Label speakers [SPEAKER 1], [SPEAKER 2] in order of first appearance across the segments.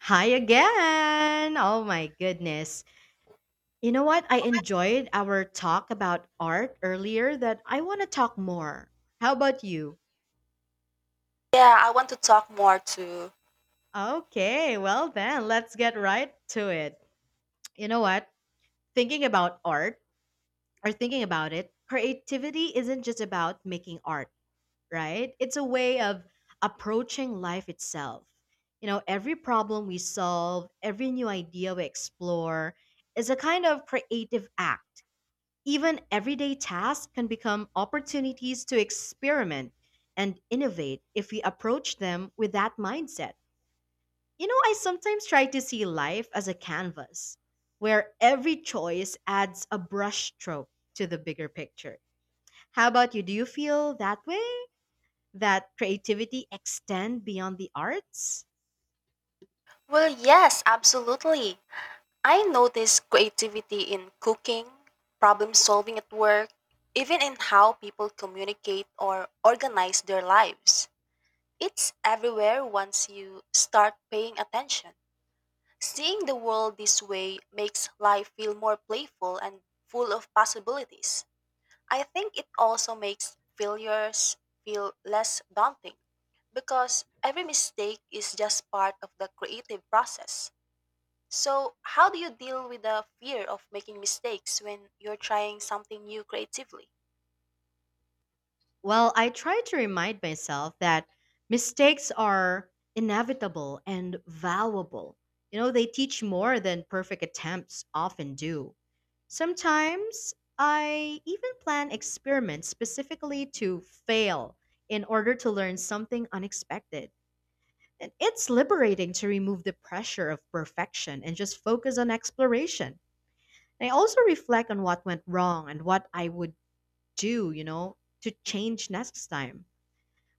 [SPEAKER 1] Hi again. Oh my goodness. You know what? I enjoyed our talk about art earlier that I want to talk more. How about you?
[SPEAKER 2] Yeah, I want to talk more too.
[SPEAKER 1] Okay, well then, let's get right to it. You know what? Thinking about art or thinking about it, creativity isn't just about making art, right? It's a way of approaching life itself. Every problem we solve, every new idea we explore is a kind of creative act. Even everyday tasks can become opportunities to experiment and innovate if we approach them with that mindset. I sometimes try to see life as a canvas where every choice adds a brushstroke to the bigger picture. How about you? Do you feel that way? That creativity extend beyond the arts?
[SPEAKER 2] Well, yes, absolutely. I notice creativity in cooking, problem solving at work, even in how people communicate or organize their lives. It's everywhere once you start paying attention. Seeing the world this way makes life feel more playful and full of possibilities. I think it also makes failures feel less daunting because every mistake is just part of the creative process. So, how do you deal with the fear of making mistakes when you're trying something new creatively?
[SPEAKER 1] Well, I try to remind myself that mistakes are inevitable and valuable. They teach more than perfect attempts often do. Sometimes I even plan experiments specifically to fail in order to learn something unexpected. And it's liberating to remove the pressure of perfection and just focus on exploration. I also reflect on what went wrong and what I would do, to change next time.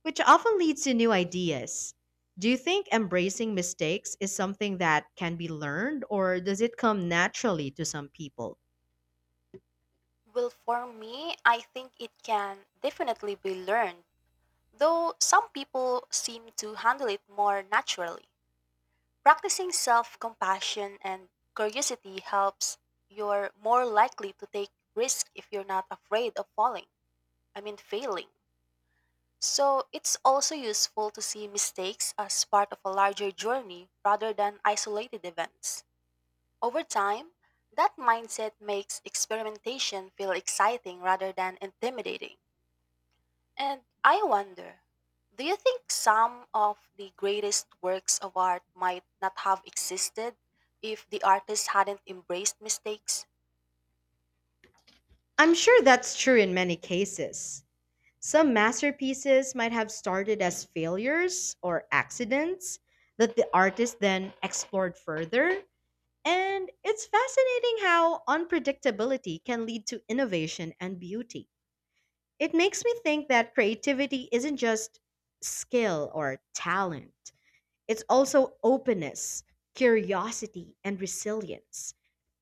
[SPEAKER 1] Which often leads to new ideas. Do you think embracing mistakes is something that can be learned, or does it come naturally to some people?
[SPEAKER 2] Well, for me, I think it can definitely be learned, though some people seem to handle it more naturally. Practicing self compassion and curiosity helps you're more likely to take risk if you're not afraid of falling. I mean, failing. So it's also useful to see mistakes as part of a larger journey rather than isolated events. Over time, that mindset makes experimentation feel exciting rather than intimidating. And I wonder, do you think some of the greatest works of art might not have existed if the artist hadn't embraced mistakes?
[SPEAKER 1] I'm sure that's true in many cases. Some masterpieces might have started as failures or accidents that the artist then explored further. And it's fascinating how unpredictability can lead to innovation and beauty. It makes me think that creativity isn't just skill or talent. It's also openness, curiosity, and resilience.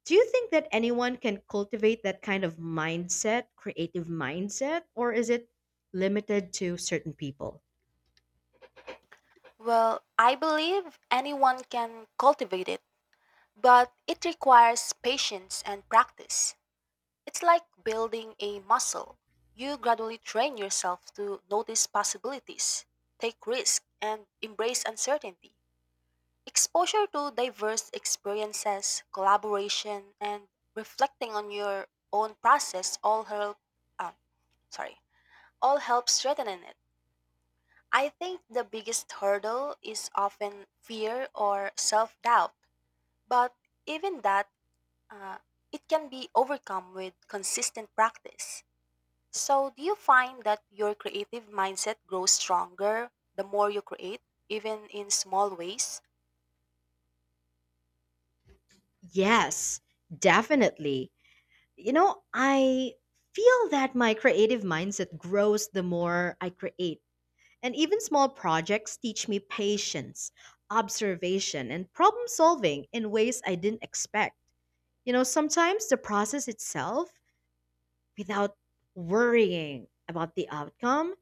[SPEAKER 1] Do you think that anyone can cultivate that kind of mindset, creative mindset, or is it limited to certain people?
[SPEAKER 2] Well, I believe anyone can cultivate it, but it requires patience and practice. It's like building a muscle. You gradually train yourself to notice possibilities, take risks, and embrace uncertainty. Exposure to diverse experiences, collaboration, and reflecting on your own process all help. Um, sorry, all help strengthening it. I think the biggest hurdle is often fear or self-doubt, but even that, uh, it can be overcome with consistent practice. So, do you find that your creative mindset grows stronger the more you create, even in small ways?
[SPEAKER 1] Yes, definitely. I feel that my creative mindset grows the more I create. And even small projects teach me patience, observation, and problem solving in ways I didn't expect. Sometimes the process itself without worrying about the outcome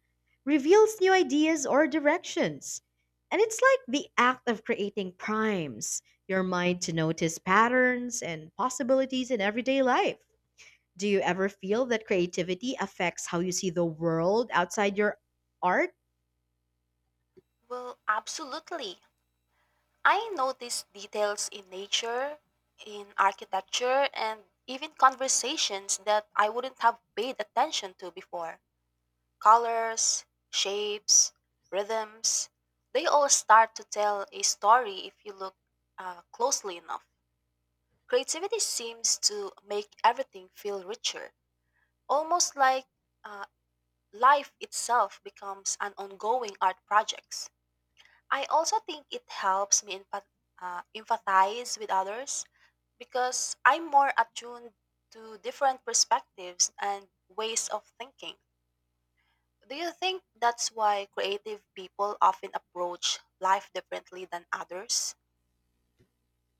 [SPEAKER 1] reveals new ideas or directions. And it's like the act of creating primes your mind to notice patterns and possibilities in everyday life. Do you ever feel that creativity affects how you see the world outside your art?
[SPEAKER 2] Well, absolutely. I notice details in nature, in architecture, and even conversations that I wouldn't have paid attention to before. Colors, shapes, rhythms, they all start to tell a story if you look closely enough. Creativity seems to make everything feel richer, almost like uh, life itself becomes an ongoing art project. I also think it helps me empathize with others because I'm more attuned to different perspectives and ways of thinking. Do you think that's why creative people often approach life differently than others?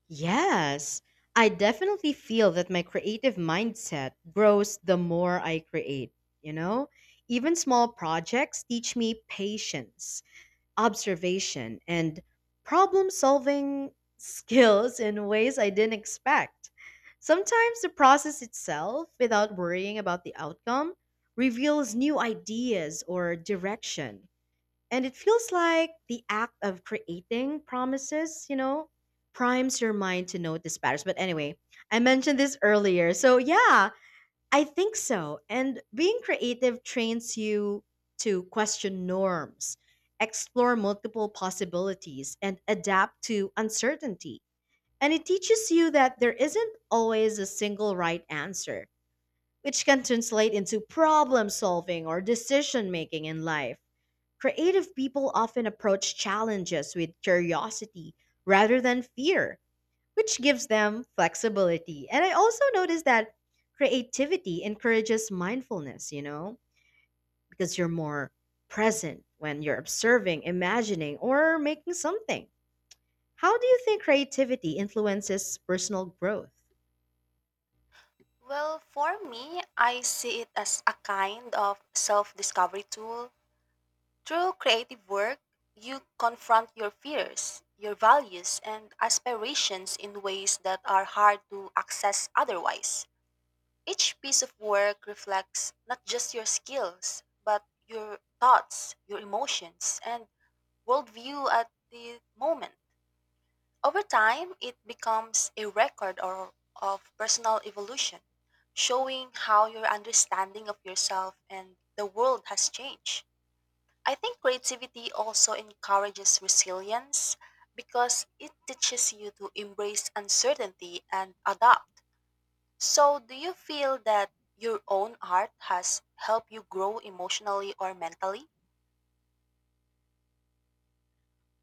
[SPEAKER 1] Yes. I definitely feel that my creative mindset grows the more I create, you know? Even small projects teach me patience observation and problem solving skills in ways I didn't expect. Sometimes the process itself, without worrying about the outcome, reveals new ideas or direction. And it feels like the act of creating promises, primes your mind to notice patterns. But anyway, I mentioned this earlier. So, yeah, I think so. And being creative trains you to question norms, explore multiple possibilities, and adapt to uncertainty. And it teaches you that there isn't always a single right answer, which can translate into problem solving or decision making in life. Creative people often approach challenges with curiosity rather than fear which gives them flexibility. And I also noticed that creativity encourages mindfulness, because you're more present when you're observing, imagining, or making something. How do you think creativity influences personal growth?
[SPEAKER 2] Well, for me, I see it as a kind of self discovery tool. Through creative work, you confront your fears, your values, and aspirations in ways that are hard to access otherwise. Each piece of work reflects not just your skills, but your thoughts, your emotions, and worldview at the moment. Over time, it becomes a record of personal evolution, showing how your understanding of yourself and the world has changed. I think creativity also encourages resilience because it teaches you to embrace uncertainty and adapt. So, do you feel that your own art has helped you grow emotionally or mentally?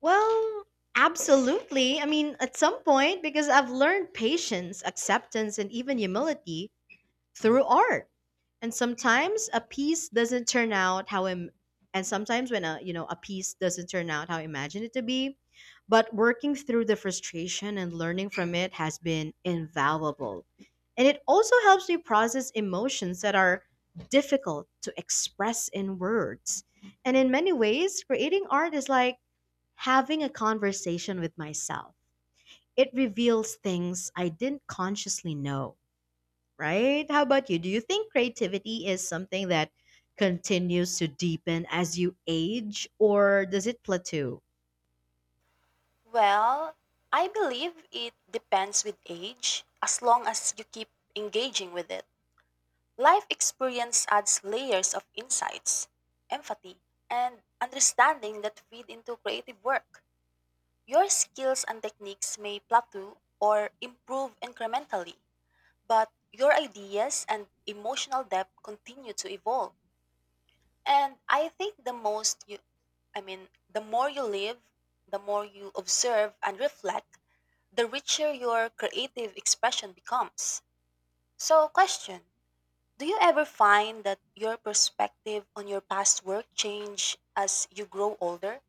[SPEAKER 1] Well, absolutely. I mean, at some point, because I've learned patience, acceptance, and even humility through art. And sometimes a piece doesn't turn out and sometimes when a a piece doesn't turn out how I imagined it to be, but working through the frustration and learning from it has been invaluable. And it also helps me process emotions that are difficult to express in words. And in many ways, creating art is like having a conversation with myself. It reveals things I didn't consciously know, right? How about you? Do you think creativity is something that continues to deepen as you age or does it plateau?
[SPEAKER 2] Well, I believe it depends with age as long as you keep engaging with it. Life experience adds layers of insights, empathy, and understanding that feed into creative work. Your skills and techniques may plateau or improve incrementally, but your ideas and emotional depth continue to evolve. And I think the most you, I mean, the more you live, the more you observe and reflect, the richer your creative expression becomes. So, question: do you ever find that your perspective on your past work change as you grow older?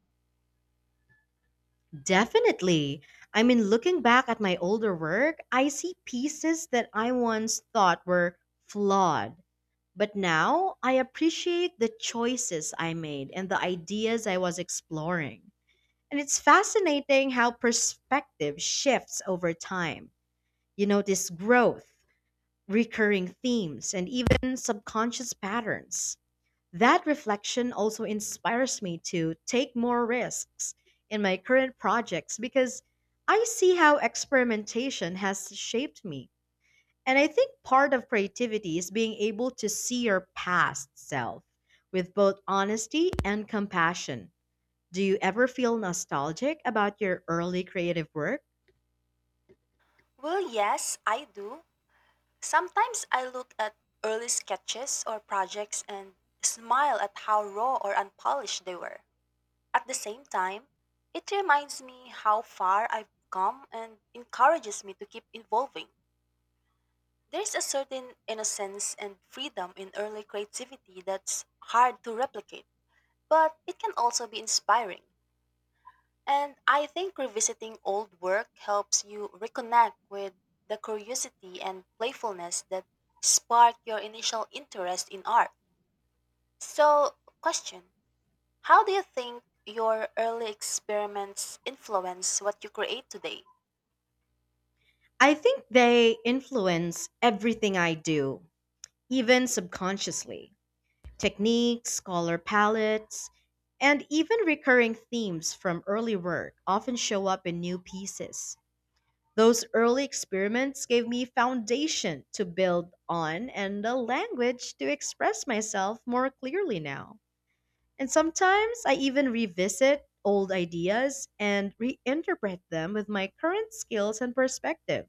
[SPEAKER 1] Definitely. I mean, looking back at my older work, I see pieces that I once thought were flawed. But now I appreciate the choices I made and the ideas I was exploring. And it's fascinating how perspective shifts over time. You notice growth, recurring themes, and even subconscious patterns. That reflection also inspires me to take more risks in my current projects because I see how experimentation has shaped me. And I think part of creativity is being able to see your past self with both honesty and compassion. Do you ever feel nostalgic about your early creative work?
[SPEAKER 2] Well, yes, I do. Sometimes I look at early sketches or projects and smile at how raw or unpolished they were. At the same time, it reminds me how far I've come and encourages me to keep evolving. There's a certain innocence and freedom in early creativity that's hard to replicate, but it can also be inspiring. And I think revisiting old work helps you reconnect with the curiosity and playfulness that sparked your initial interest in art. So, question: how do you think your early experiments influence what you create today?
[SPEAKER 1] I think they influence everything I do even subconsciously. Techniques, color palettes, and even recurring themes from early work often show up in new pieces. Those early experiments gave me foundation to build on and a language to express myself more clearly now. And sometimes I even revisit old ideas and reinterpret them with my current skills and perspective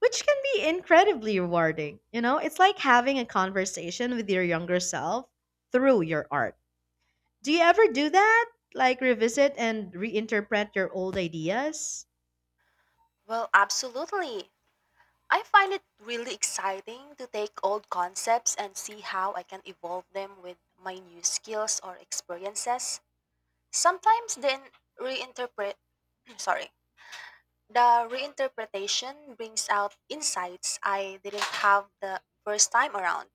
[SPEAKER 1] which can be incredibly rewarding. It's like having a conversation with your younger self through your art. Do you ever do that? Like revisit and reinterpret your old ideas?
[SPEAKER 2] Well, absolutely. I find it really exciting to take old concepts and see how I can evolve them with my new skills or experiences. Sometimes then reinterpret sorry The reinterpretation brings out insights I didn't have the first time around.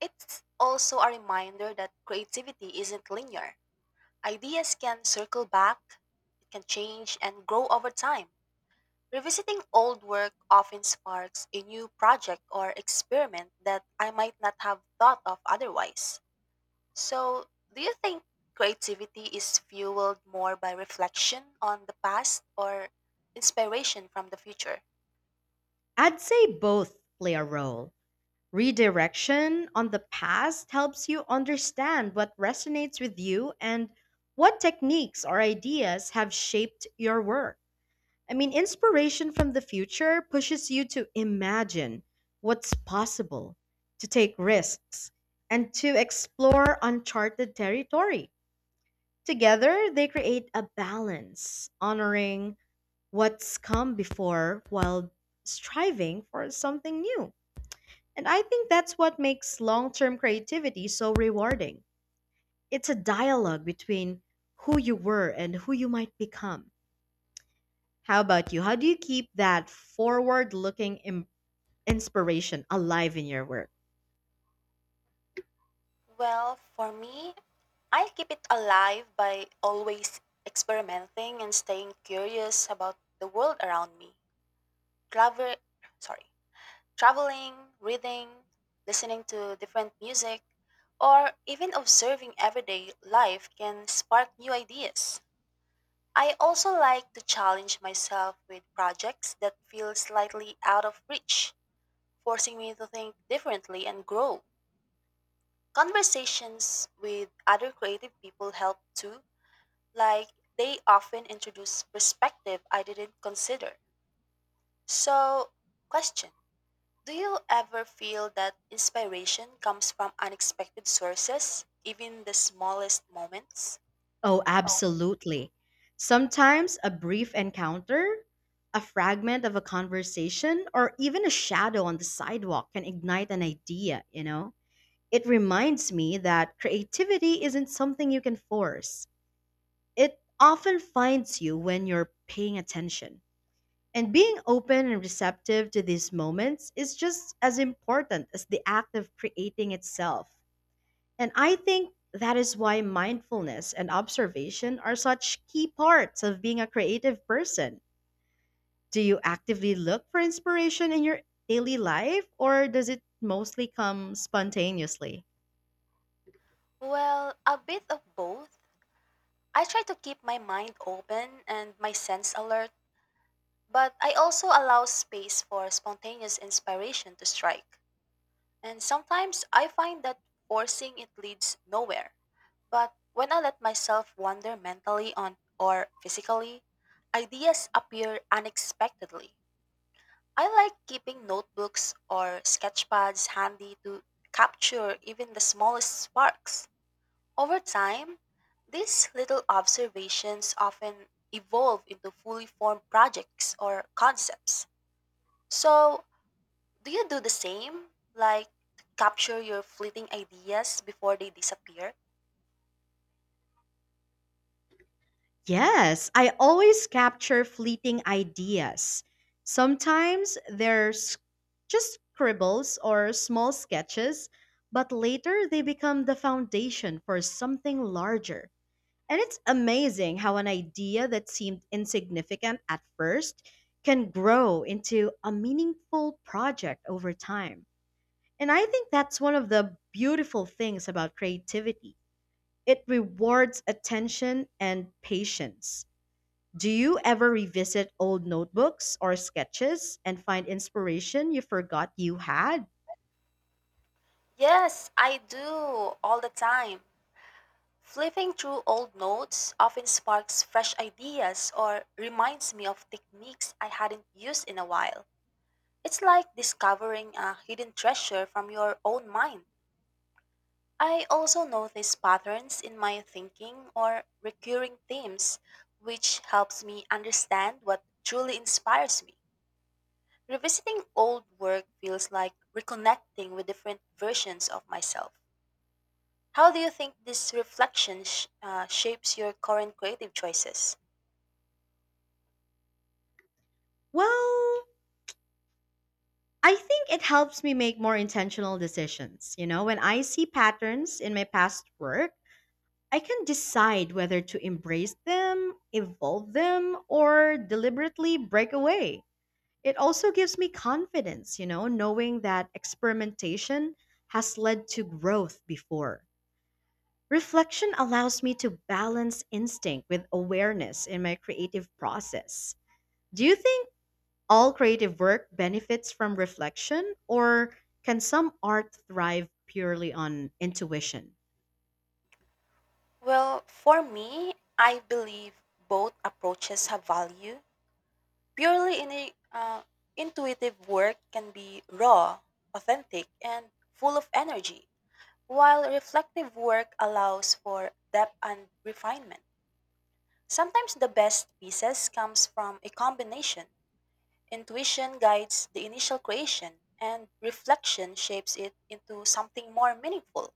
[SPEAKER 2] It's also a reminder that creativity isn't linear. Ideas can circle back, it can change and grow over time. Revisiting old work often sparks a new project or experiment that I might not have thought of otherwise. So, do you think creativity is fueled more by reflection on the past or inspiration from the future?
[SPEAKER 1] I'd say both play a role. Redirection on the past helps you understand what resonates with you and what techniques or ideas have shaped your work. I mean, inspiration from the future pushes you to imagine what's possible, to take risks, and to explore uncharted territory. Together, they create a balance, honoring what's come before while striving for something new. And I think that's what makes long term creativity so rewarding. It's a dialogue between who you were and who you might become. How about you? How do you keep that forward looking inspiration alive in your work?
[SPEAKER 2] Well, for me, I keep it alive by always experimenting and staying curious about the world around me. Travel, sorry, traveling, reading, listening to different music, or even observing everyday life can spark new ideas. I also like to challenge myself with projects that feel slightly out of reach, forcing me to think differently and grow. Conversations with other creative people help too, like they often introduce perspective I didn't consider. So, question: do you ever feel that inspiration comes from unexpected sources, even the smallest moments?
[SPEAKER 1] Oh,
[SPEAKER 2] Oh.
[SPEAKER 1] absolutely. Sometimes a brief encounter, a fragment of a conversation, or even a shadow on the sidewalk can ignite an idea, you know? It reminds me that creativity isn't something you can force. It often finds you when you're paying attention. And being open and receptive to these moments is just as important as the act of creating itself. And I think that is why mindfulness and observation are such key parts of being a creative person. Do you actively look for inspiration in your daily life, or does it mostly come spontaneously?
[SPEAKER 2] Well, a bit of both. I try to keep my mind open and my sense alert, but I also allow space for spontaneous inspiration to strike. And sometimes I find that forcing it leads nowhere. But when I let myself wander mentally on or physically, ideas appear unexpectedly. I like keeping notebooks or sketchpads handy to capture even the smallest sparks. Over time, these little observations often evolve into fully formed projects or concepts. So, do you do the same? Like capture your fleeting ideas before they disappear?
[SPEAKER 1] Yes, I always capture fleeting ideas. Sometimes there's just scribbles or small sketches, but later they become the foundation for something larger. And it's amazing how an idea that seemed insignificant at first can grow into a meaningful project over time. And I think that's one of the beautiful things about creativity. It rewards attention and patience. Do you ever revisit old notebooks or sketches and find inspiration you forgot you had?
[SPEAKER 2] Yes, I do all the time. Flipping through old notes often sparks fresh ideas or reminds me of techniques I hadn't used in a while. It's like discovering a hidden treasure from your own mind. I also notice patterns in my thinking or recurring themes, which helps me understand what truly inspires me. Revisiting old work feels like reconnecting with different versions of myself. How do you think this reflection shapes your current creative choices?
[SPEAKER 1] Well, I think it helps me make more intentional decisions. When I see patterns in my past work, I can decide whether to embrace them, evolve them, or deliberately break away. It also gives me confidence, knowing that experimentation has led to growth before. Reflection allows me to balance instinct with awareness in my creative process. Do you think all creative work benefits from reflection, or can some art thrive purely on intuition?
[SPEAKER 2] Well, for me, I believe both approaches have value. Purely in uh, intuitive work can be raw, authentic, and full of energy, while reflective work allows for depth and refinement. Sometimes the best pieces comes from a combination. Intuition guides the initial creation, and reflection shapes it into something more meaningful.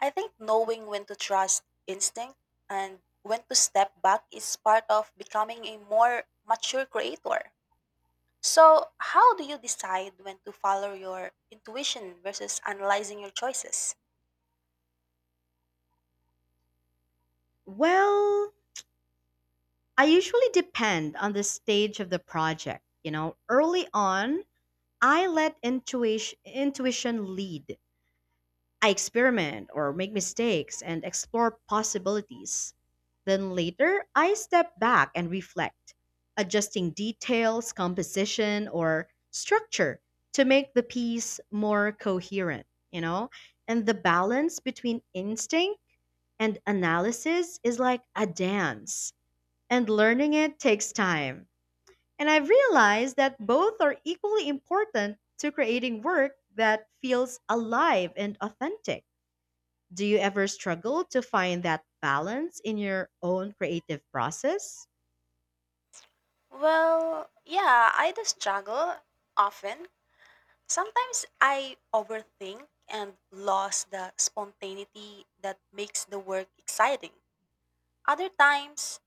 [SPEAKER 2] I think knowing when to trust instinct and when to step back is part of becoming a more mature creator. So, how do you decide when to follow your intuition versus analyzing your choices?
[SPEAKER 1] Well, I usually depend on the stage of the project. Early on, I let intuition lead. I experiment or make mistakes and explore possibilities. Then later, I step back and reflect, adjusting details, composition, or structure to make the piece more coherent, you know? And the balance between instinct and analysis is like a dance, and learning it takes time. And I've realized that both are equally important to creating work that feels alive and authentic. Do you ever struggle to find that balance in your own creative process?
[SPEAKER 2] Well, yeah, I do struggle often. Sometimes I overthink and lose the spontaneity that makes the work exciting. Other times,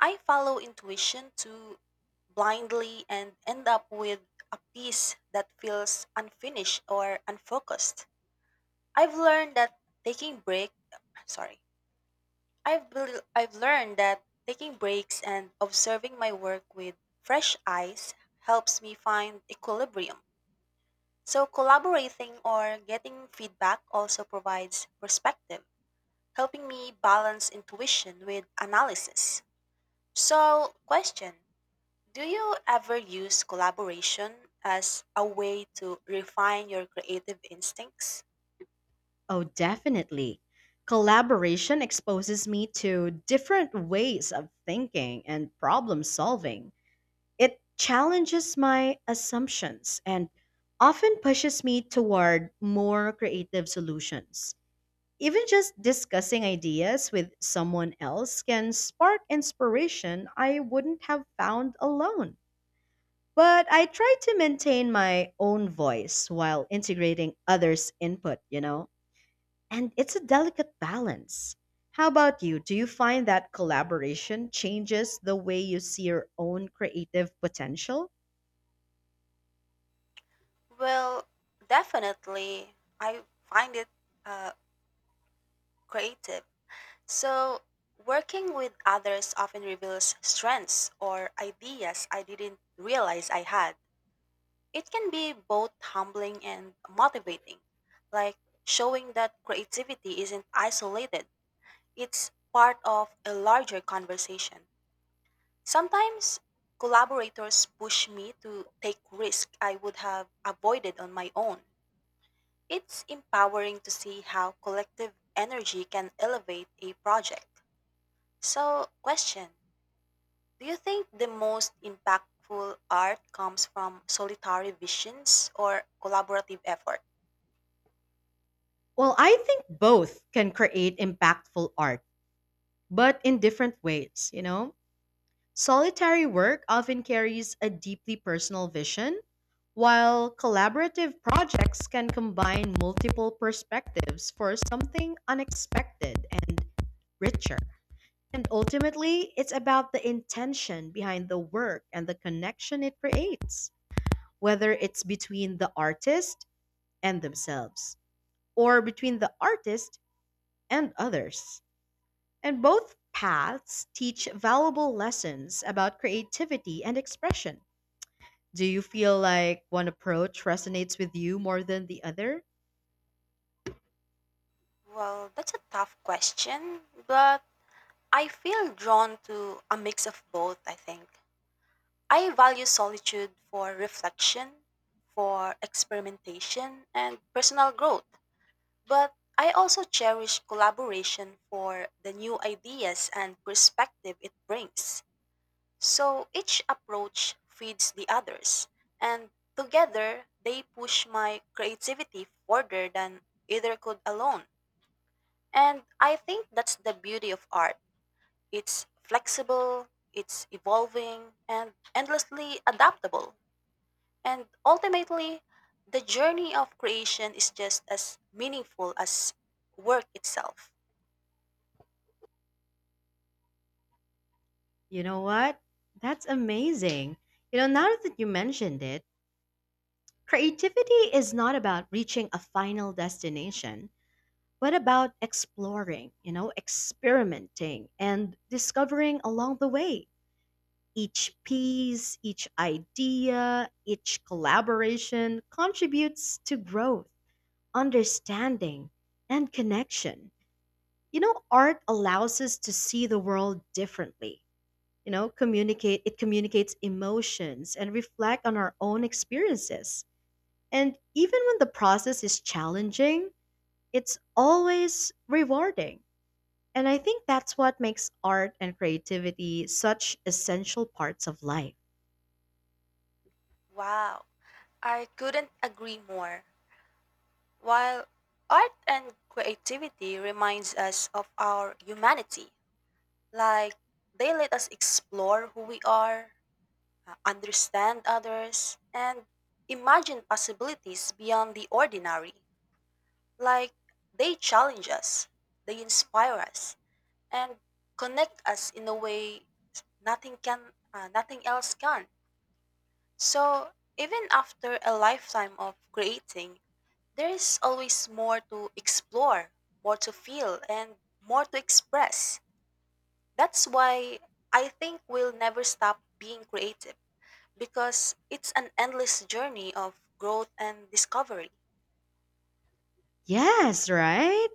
[SPEAKER 2] I follow intuition too blindly and end up with a piece that feels unfinished or unfocused. I've learned that taking break, sorry. I've learned that taking breaks and observing my work with fresh eyes helps me find equilibrium. So, collaborating or getting feedback also provides perspective, helping me balance intuition with analysis. So, question: do you ever use collaboration as a way to refine your creative instincts?
[SPEAKER 1] Oh, definitely. Collaboration exposes me to different ways of thinking and problem solving. It challenges my assumptions and often pushes me toward more creative solutions. Even just discussing ideas with someone else can spark inspiration I wouldn't have found alone. But I try to maintain my own voice while integrating others' input, you know? And it's a delicate balance. How about you? Do you find that collaboration changes the way you see your own creative potential?
[SPEAKER 2] Well, definitely. I find it uh, creative. So, working with others often reveals strengths or ideas I didn't realize I had. It can be both humbling and motivating, like showing that creativity isn't isolated, it's part of a larger conversation. Sometimes collaborators push me to take risks I would have avoided on my own. It's empowering to see how collective energy can elevate a project. So, question: do you think the most impactful art comes from solitary visions or collaborative effort?
[SPEAKER 1] Well, I think both can create impactful art, but in different ways, you know? Solitary work often carries a deeply personal vision, while collaborative projects can combine multiple perspectives for something unexpected and richer. And ultimately, it's about the intention behind the work and the connection it creates, whether it's between the artist and themselves or between the artist and others. And both paths teach valuable lessons about creativity and expression. Do you feel like one approach resonates with you more than the other?
[SPEAKER 2] Well, that's a tough question, but I feel drawn to a mix of both, I think. I value solitude for reflection, for experimentation, and personal growth, but I also cherish collaboration for the new ideas and perspective it brings. So each approach feeds the others, and together they push my creativity further than either could alone. And I think that's the beauty of art. It's flexible, it's evolving, and endlessly adaptable. And ultimately, the journey of creation is just as meaningful as work itself.
[SPEAKER 1] You know what? That's amazing. Now that you mentioned it, creativity is not about reaching a final destination, but about exploring, experimenting and discovering along the way. Each piece, each idea, each collaboration contributes to growth, understanding, and connection. Art allows us to see the world differently. You know, communicate it communicates emotions and reflect on our own experiences. And even when the process is challenging, it's always rewarding. And I think that's what makes art and creativity such essential parts of life.
[SPEAKER 2] Wow, I couldn't agree more. While art and creativity reminds us of our humanity, like they let us explore who we are, understand others, and imagine possibilities beyond the ordinary. Like they challenge us, they inspire us, and connect us in a way nothing can, nothing else can. So even after a lifetime of creating, there is always more to explore, more to feel, and more to express. That's why I think we'll never stop being creative, because it's an endless journey of growth and discovery.
[SPEAKER 1] Yes, right?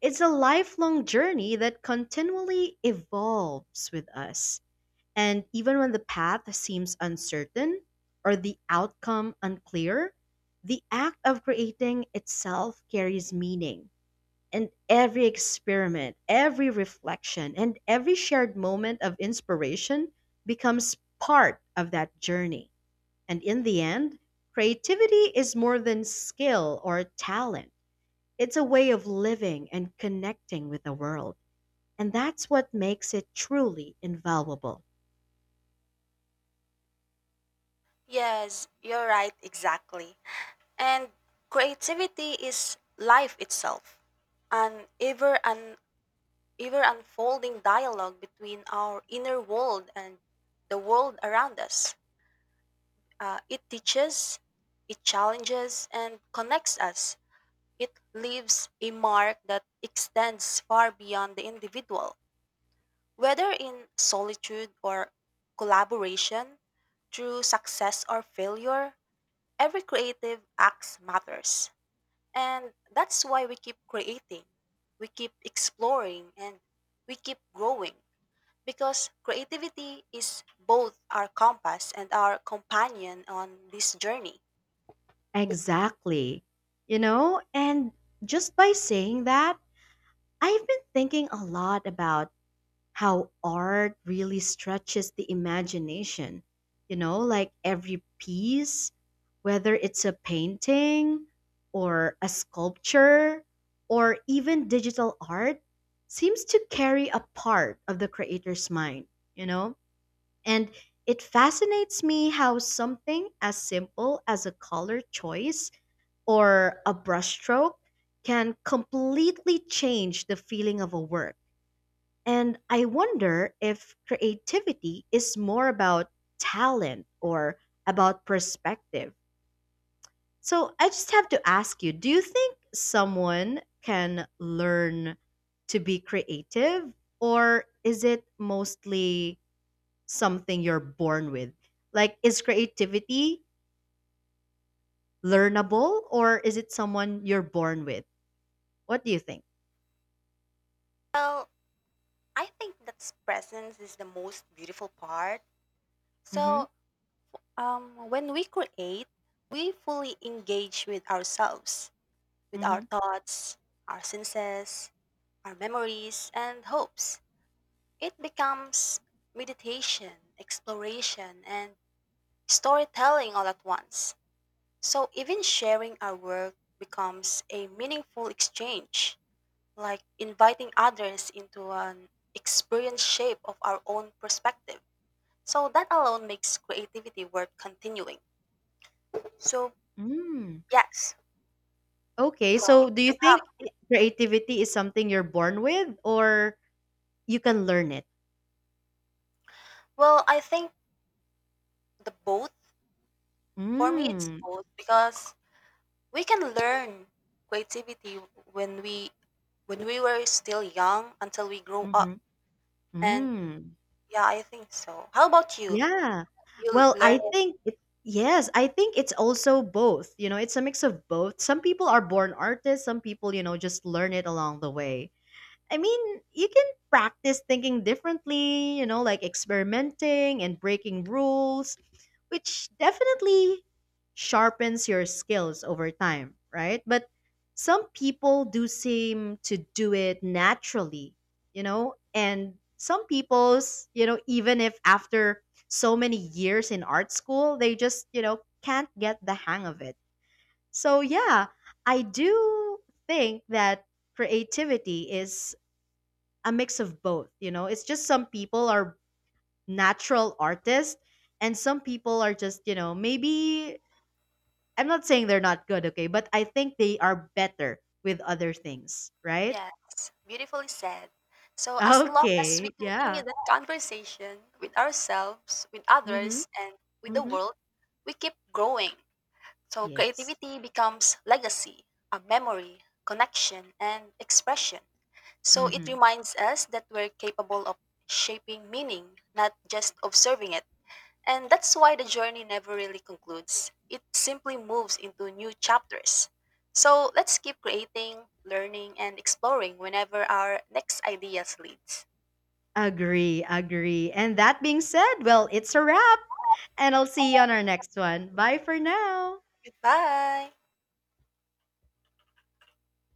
[SPEAKER 1] It's a lifelong journey that continually evolves with us. And even when the path seems uncertain or the outcome unclear, the act of creating itself carries meaning. And every experiment, every reflection, and every shared moment of inspiration becomes part of that journey. And in the end, creativity is more than skill or talent, it's a way of living and connecting with the world. And that's what makes it truly invaluable.
[SPEAKER 2] Yes, you're right, exactly. And creativity is life itself, an ever unfolding dialogue between our inner world and the world around us. It teaches, it challenges, and connects us. It leaves a mark that extends far beyond the individual. Whether in solitude or collaboration, through success or failure, every creative act matters. And that's why we keep creating, we keep exploring, and we keep growing. Because creativity is both our compass and our companion on this journey.
[SPEAKER 1] Exactly. You know, and just by saying that, I've been thinking a lot about how art really stretches the imagination. Like every piece, whether it's a painting or a sculpture or even digital art, seems to carry a part of the creator's mind, you know? And it fascinates me how something as simple as a color choice or a brushstroke can completely change the feeling of a work. And I wonder if creativity is more about talent or about perspective. So I just have to ask you, do you think someone can learn to be creative, or is it mostly something you're born with? Like, is creativity learnable, or is it someone you're born with? What do you think?
[SPEAKER 2] Well, I think that presence is the most beautiful part.
[SPEAKER 1] Hmm.
[SPEAKER 2] So, when we create, we fully engage with ourselves, with our
[SPEAKER 1] Mhm.
[SPEAKER 2] thoughts, our senses, our memories, and hopes. It becomes meditation, exploration, and storytelling all at once. So even sharing our work becomes a meaningful exchange, like inviting others into an experience shape of our own perspective. So that alone makes creativity worth continuing. So
[SPEAKER 1] Mm.
[SPEAKER 2] yes.
[SPEAKER 1] Okay,
[SPEAKER 2] So
[SPEAKER 1] so do you
[SPEAKER 2] somehow,
[SPEAKER 1] think creativity is something you're born with or you can learn it?
[SPEAKER 2] well, I think the both, for me it's
[SPEAKER 1] Mm.
[SPEAKER 2] both, because we can learn creativity when we were still young until we grow up.
[SPEAKER 1] Mhm.
[SPEAKER 2] And
[SPEAKER 1] Mm.
[SPEAKER 2] yeah, I think so. How about you?
[SPEAKER 1] Yeah.
[SPEAKER 2] You
[SPEAKER 1] Well,
[SPEAKER 2] learn
[SPEAKER 1] I
[SPEAKER 2] it?
[SPEAKER 1] think it yes, I think it's also both. It's a mix of both. Some people are born artists, some people, just learn it along the way. I mean, you can practice thinking differently, like experimenting and breaking rules, which definitely sharpens your skills over time, right? But some people do seem to do it naturally, and some people's, even if after so many years in art school, they just, can't get the hang of it. So, yeah, I do think that creativity is a mix of both, it's just some people are natural artists and some people are just, maybe I'm not saying they're not good, okay, but I think they are better with other things, right?
[SPEAKER 2] Yes, beautifully said. So as long as we
[SPEAKER 1] Okay,
[SPEAKER 2] continue
[SPEAKER 1] yeah.
[SPEAKER 2] that conversation with ourselves, with
[SPEAKER 1] Mm-hmm.
[SPEAKER 2] others, and with the
[SPEAKER 1] Mm-hmm.
[SPEAKER 2] world, we keep growing. So
[SPEAKER 1] Yes.
[SPEAKER 2] creativity becomes legacy, a memory, connection, and expression. So it
[SPEAKER 1] Mm-hmm.
[SPEAKER 2] reminds us that we're capable of shaping meaning, not just observing it. And that's why the journey never really concludes. It simply moves into new chapters. So let's keep creating, learning, and exploring whenever our next ideas leads.
[SPEAKER 1] Agree, agree. And that being said, well, it's a wrap. And I'll see you on our next one. Bye for now.
[SPEAKER 2] Goodbye!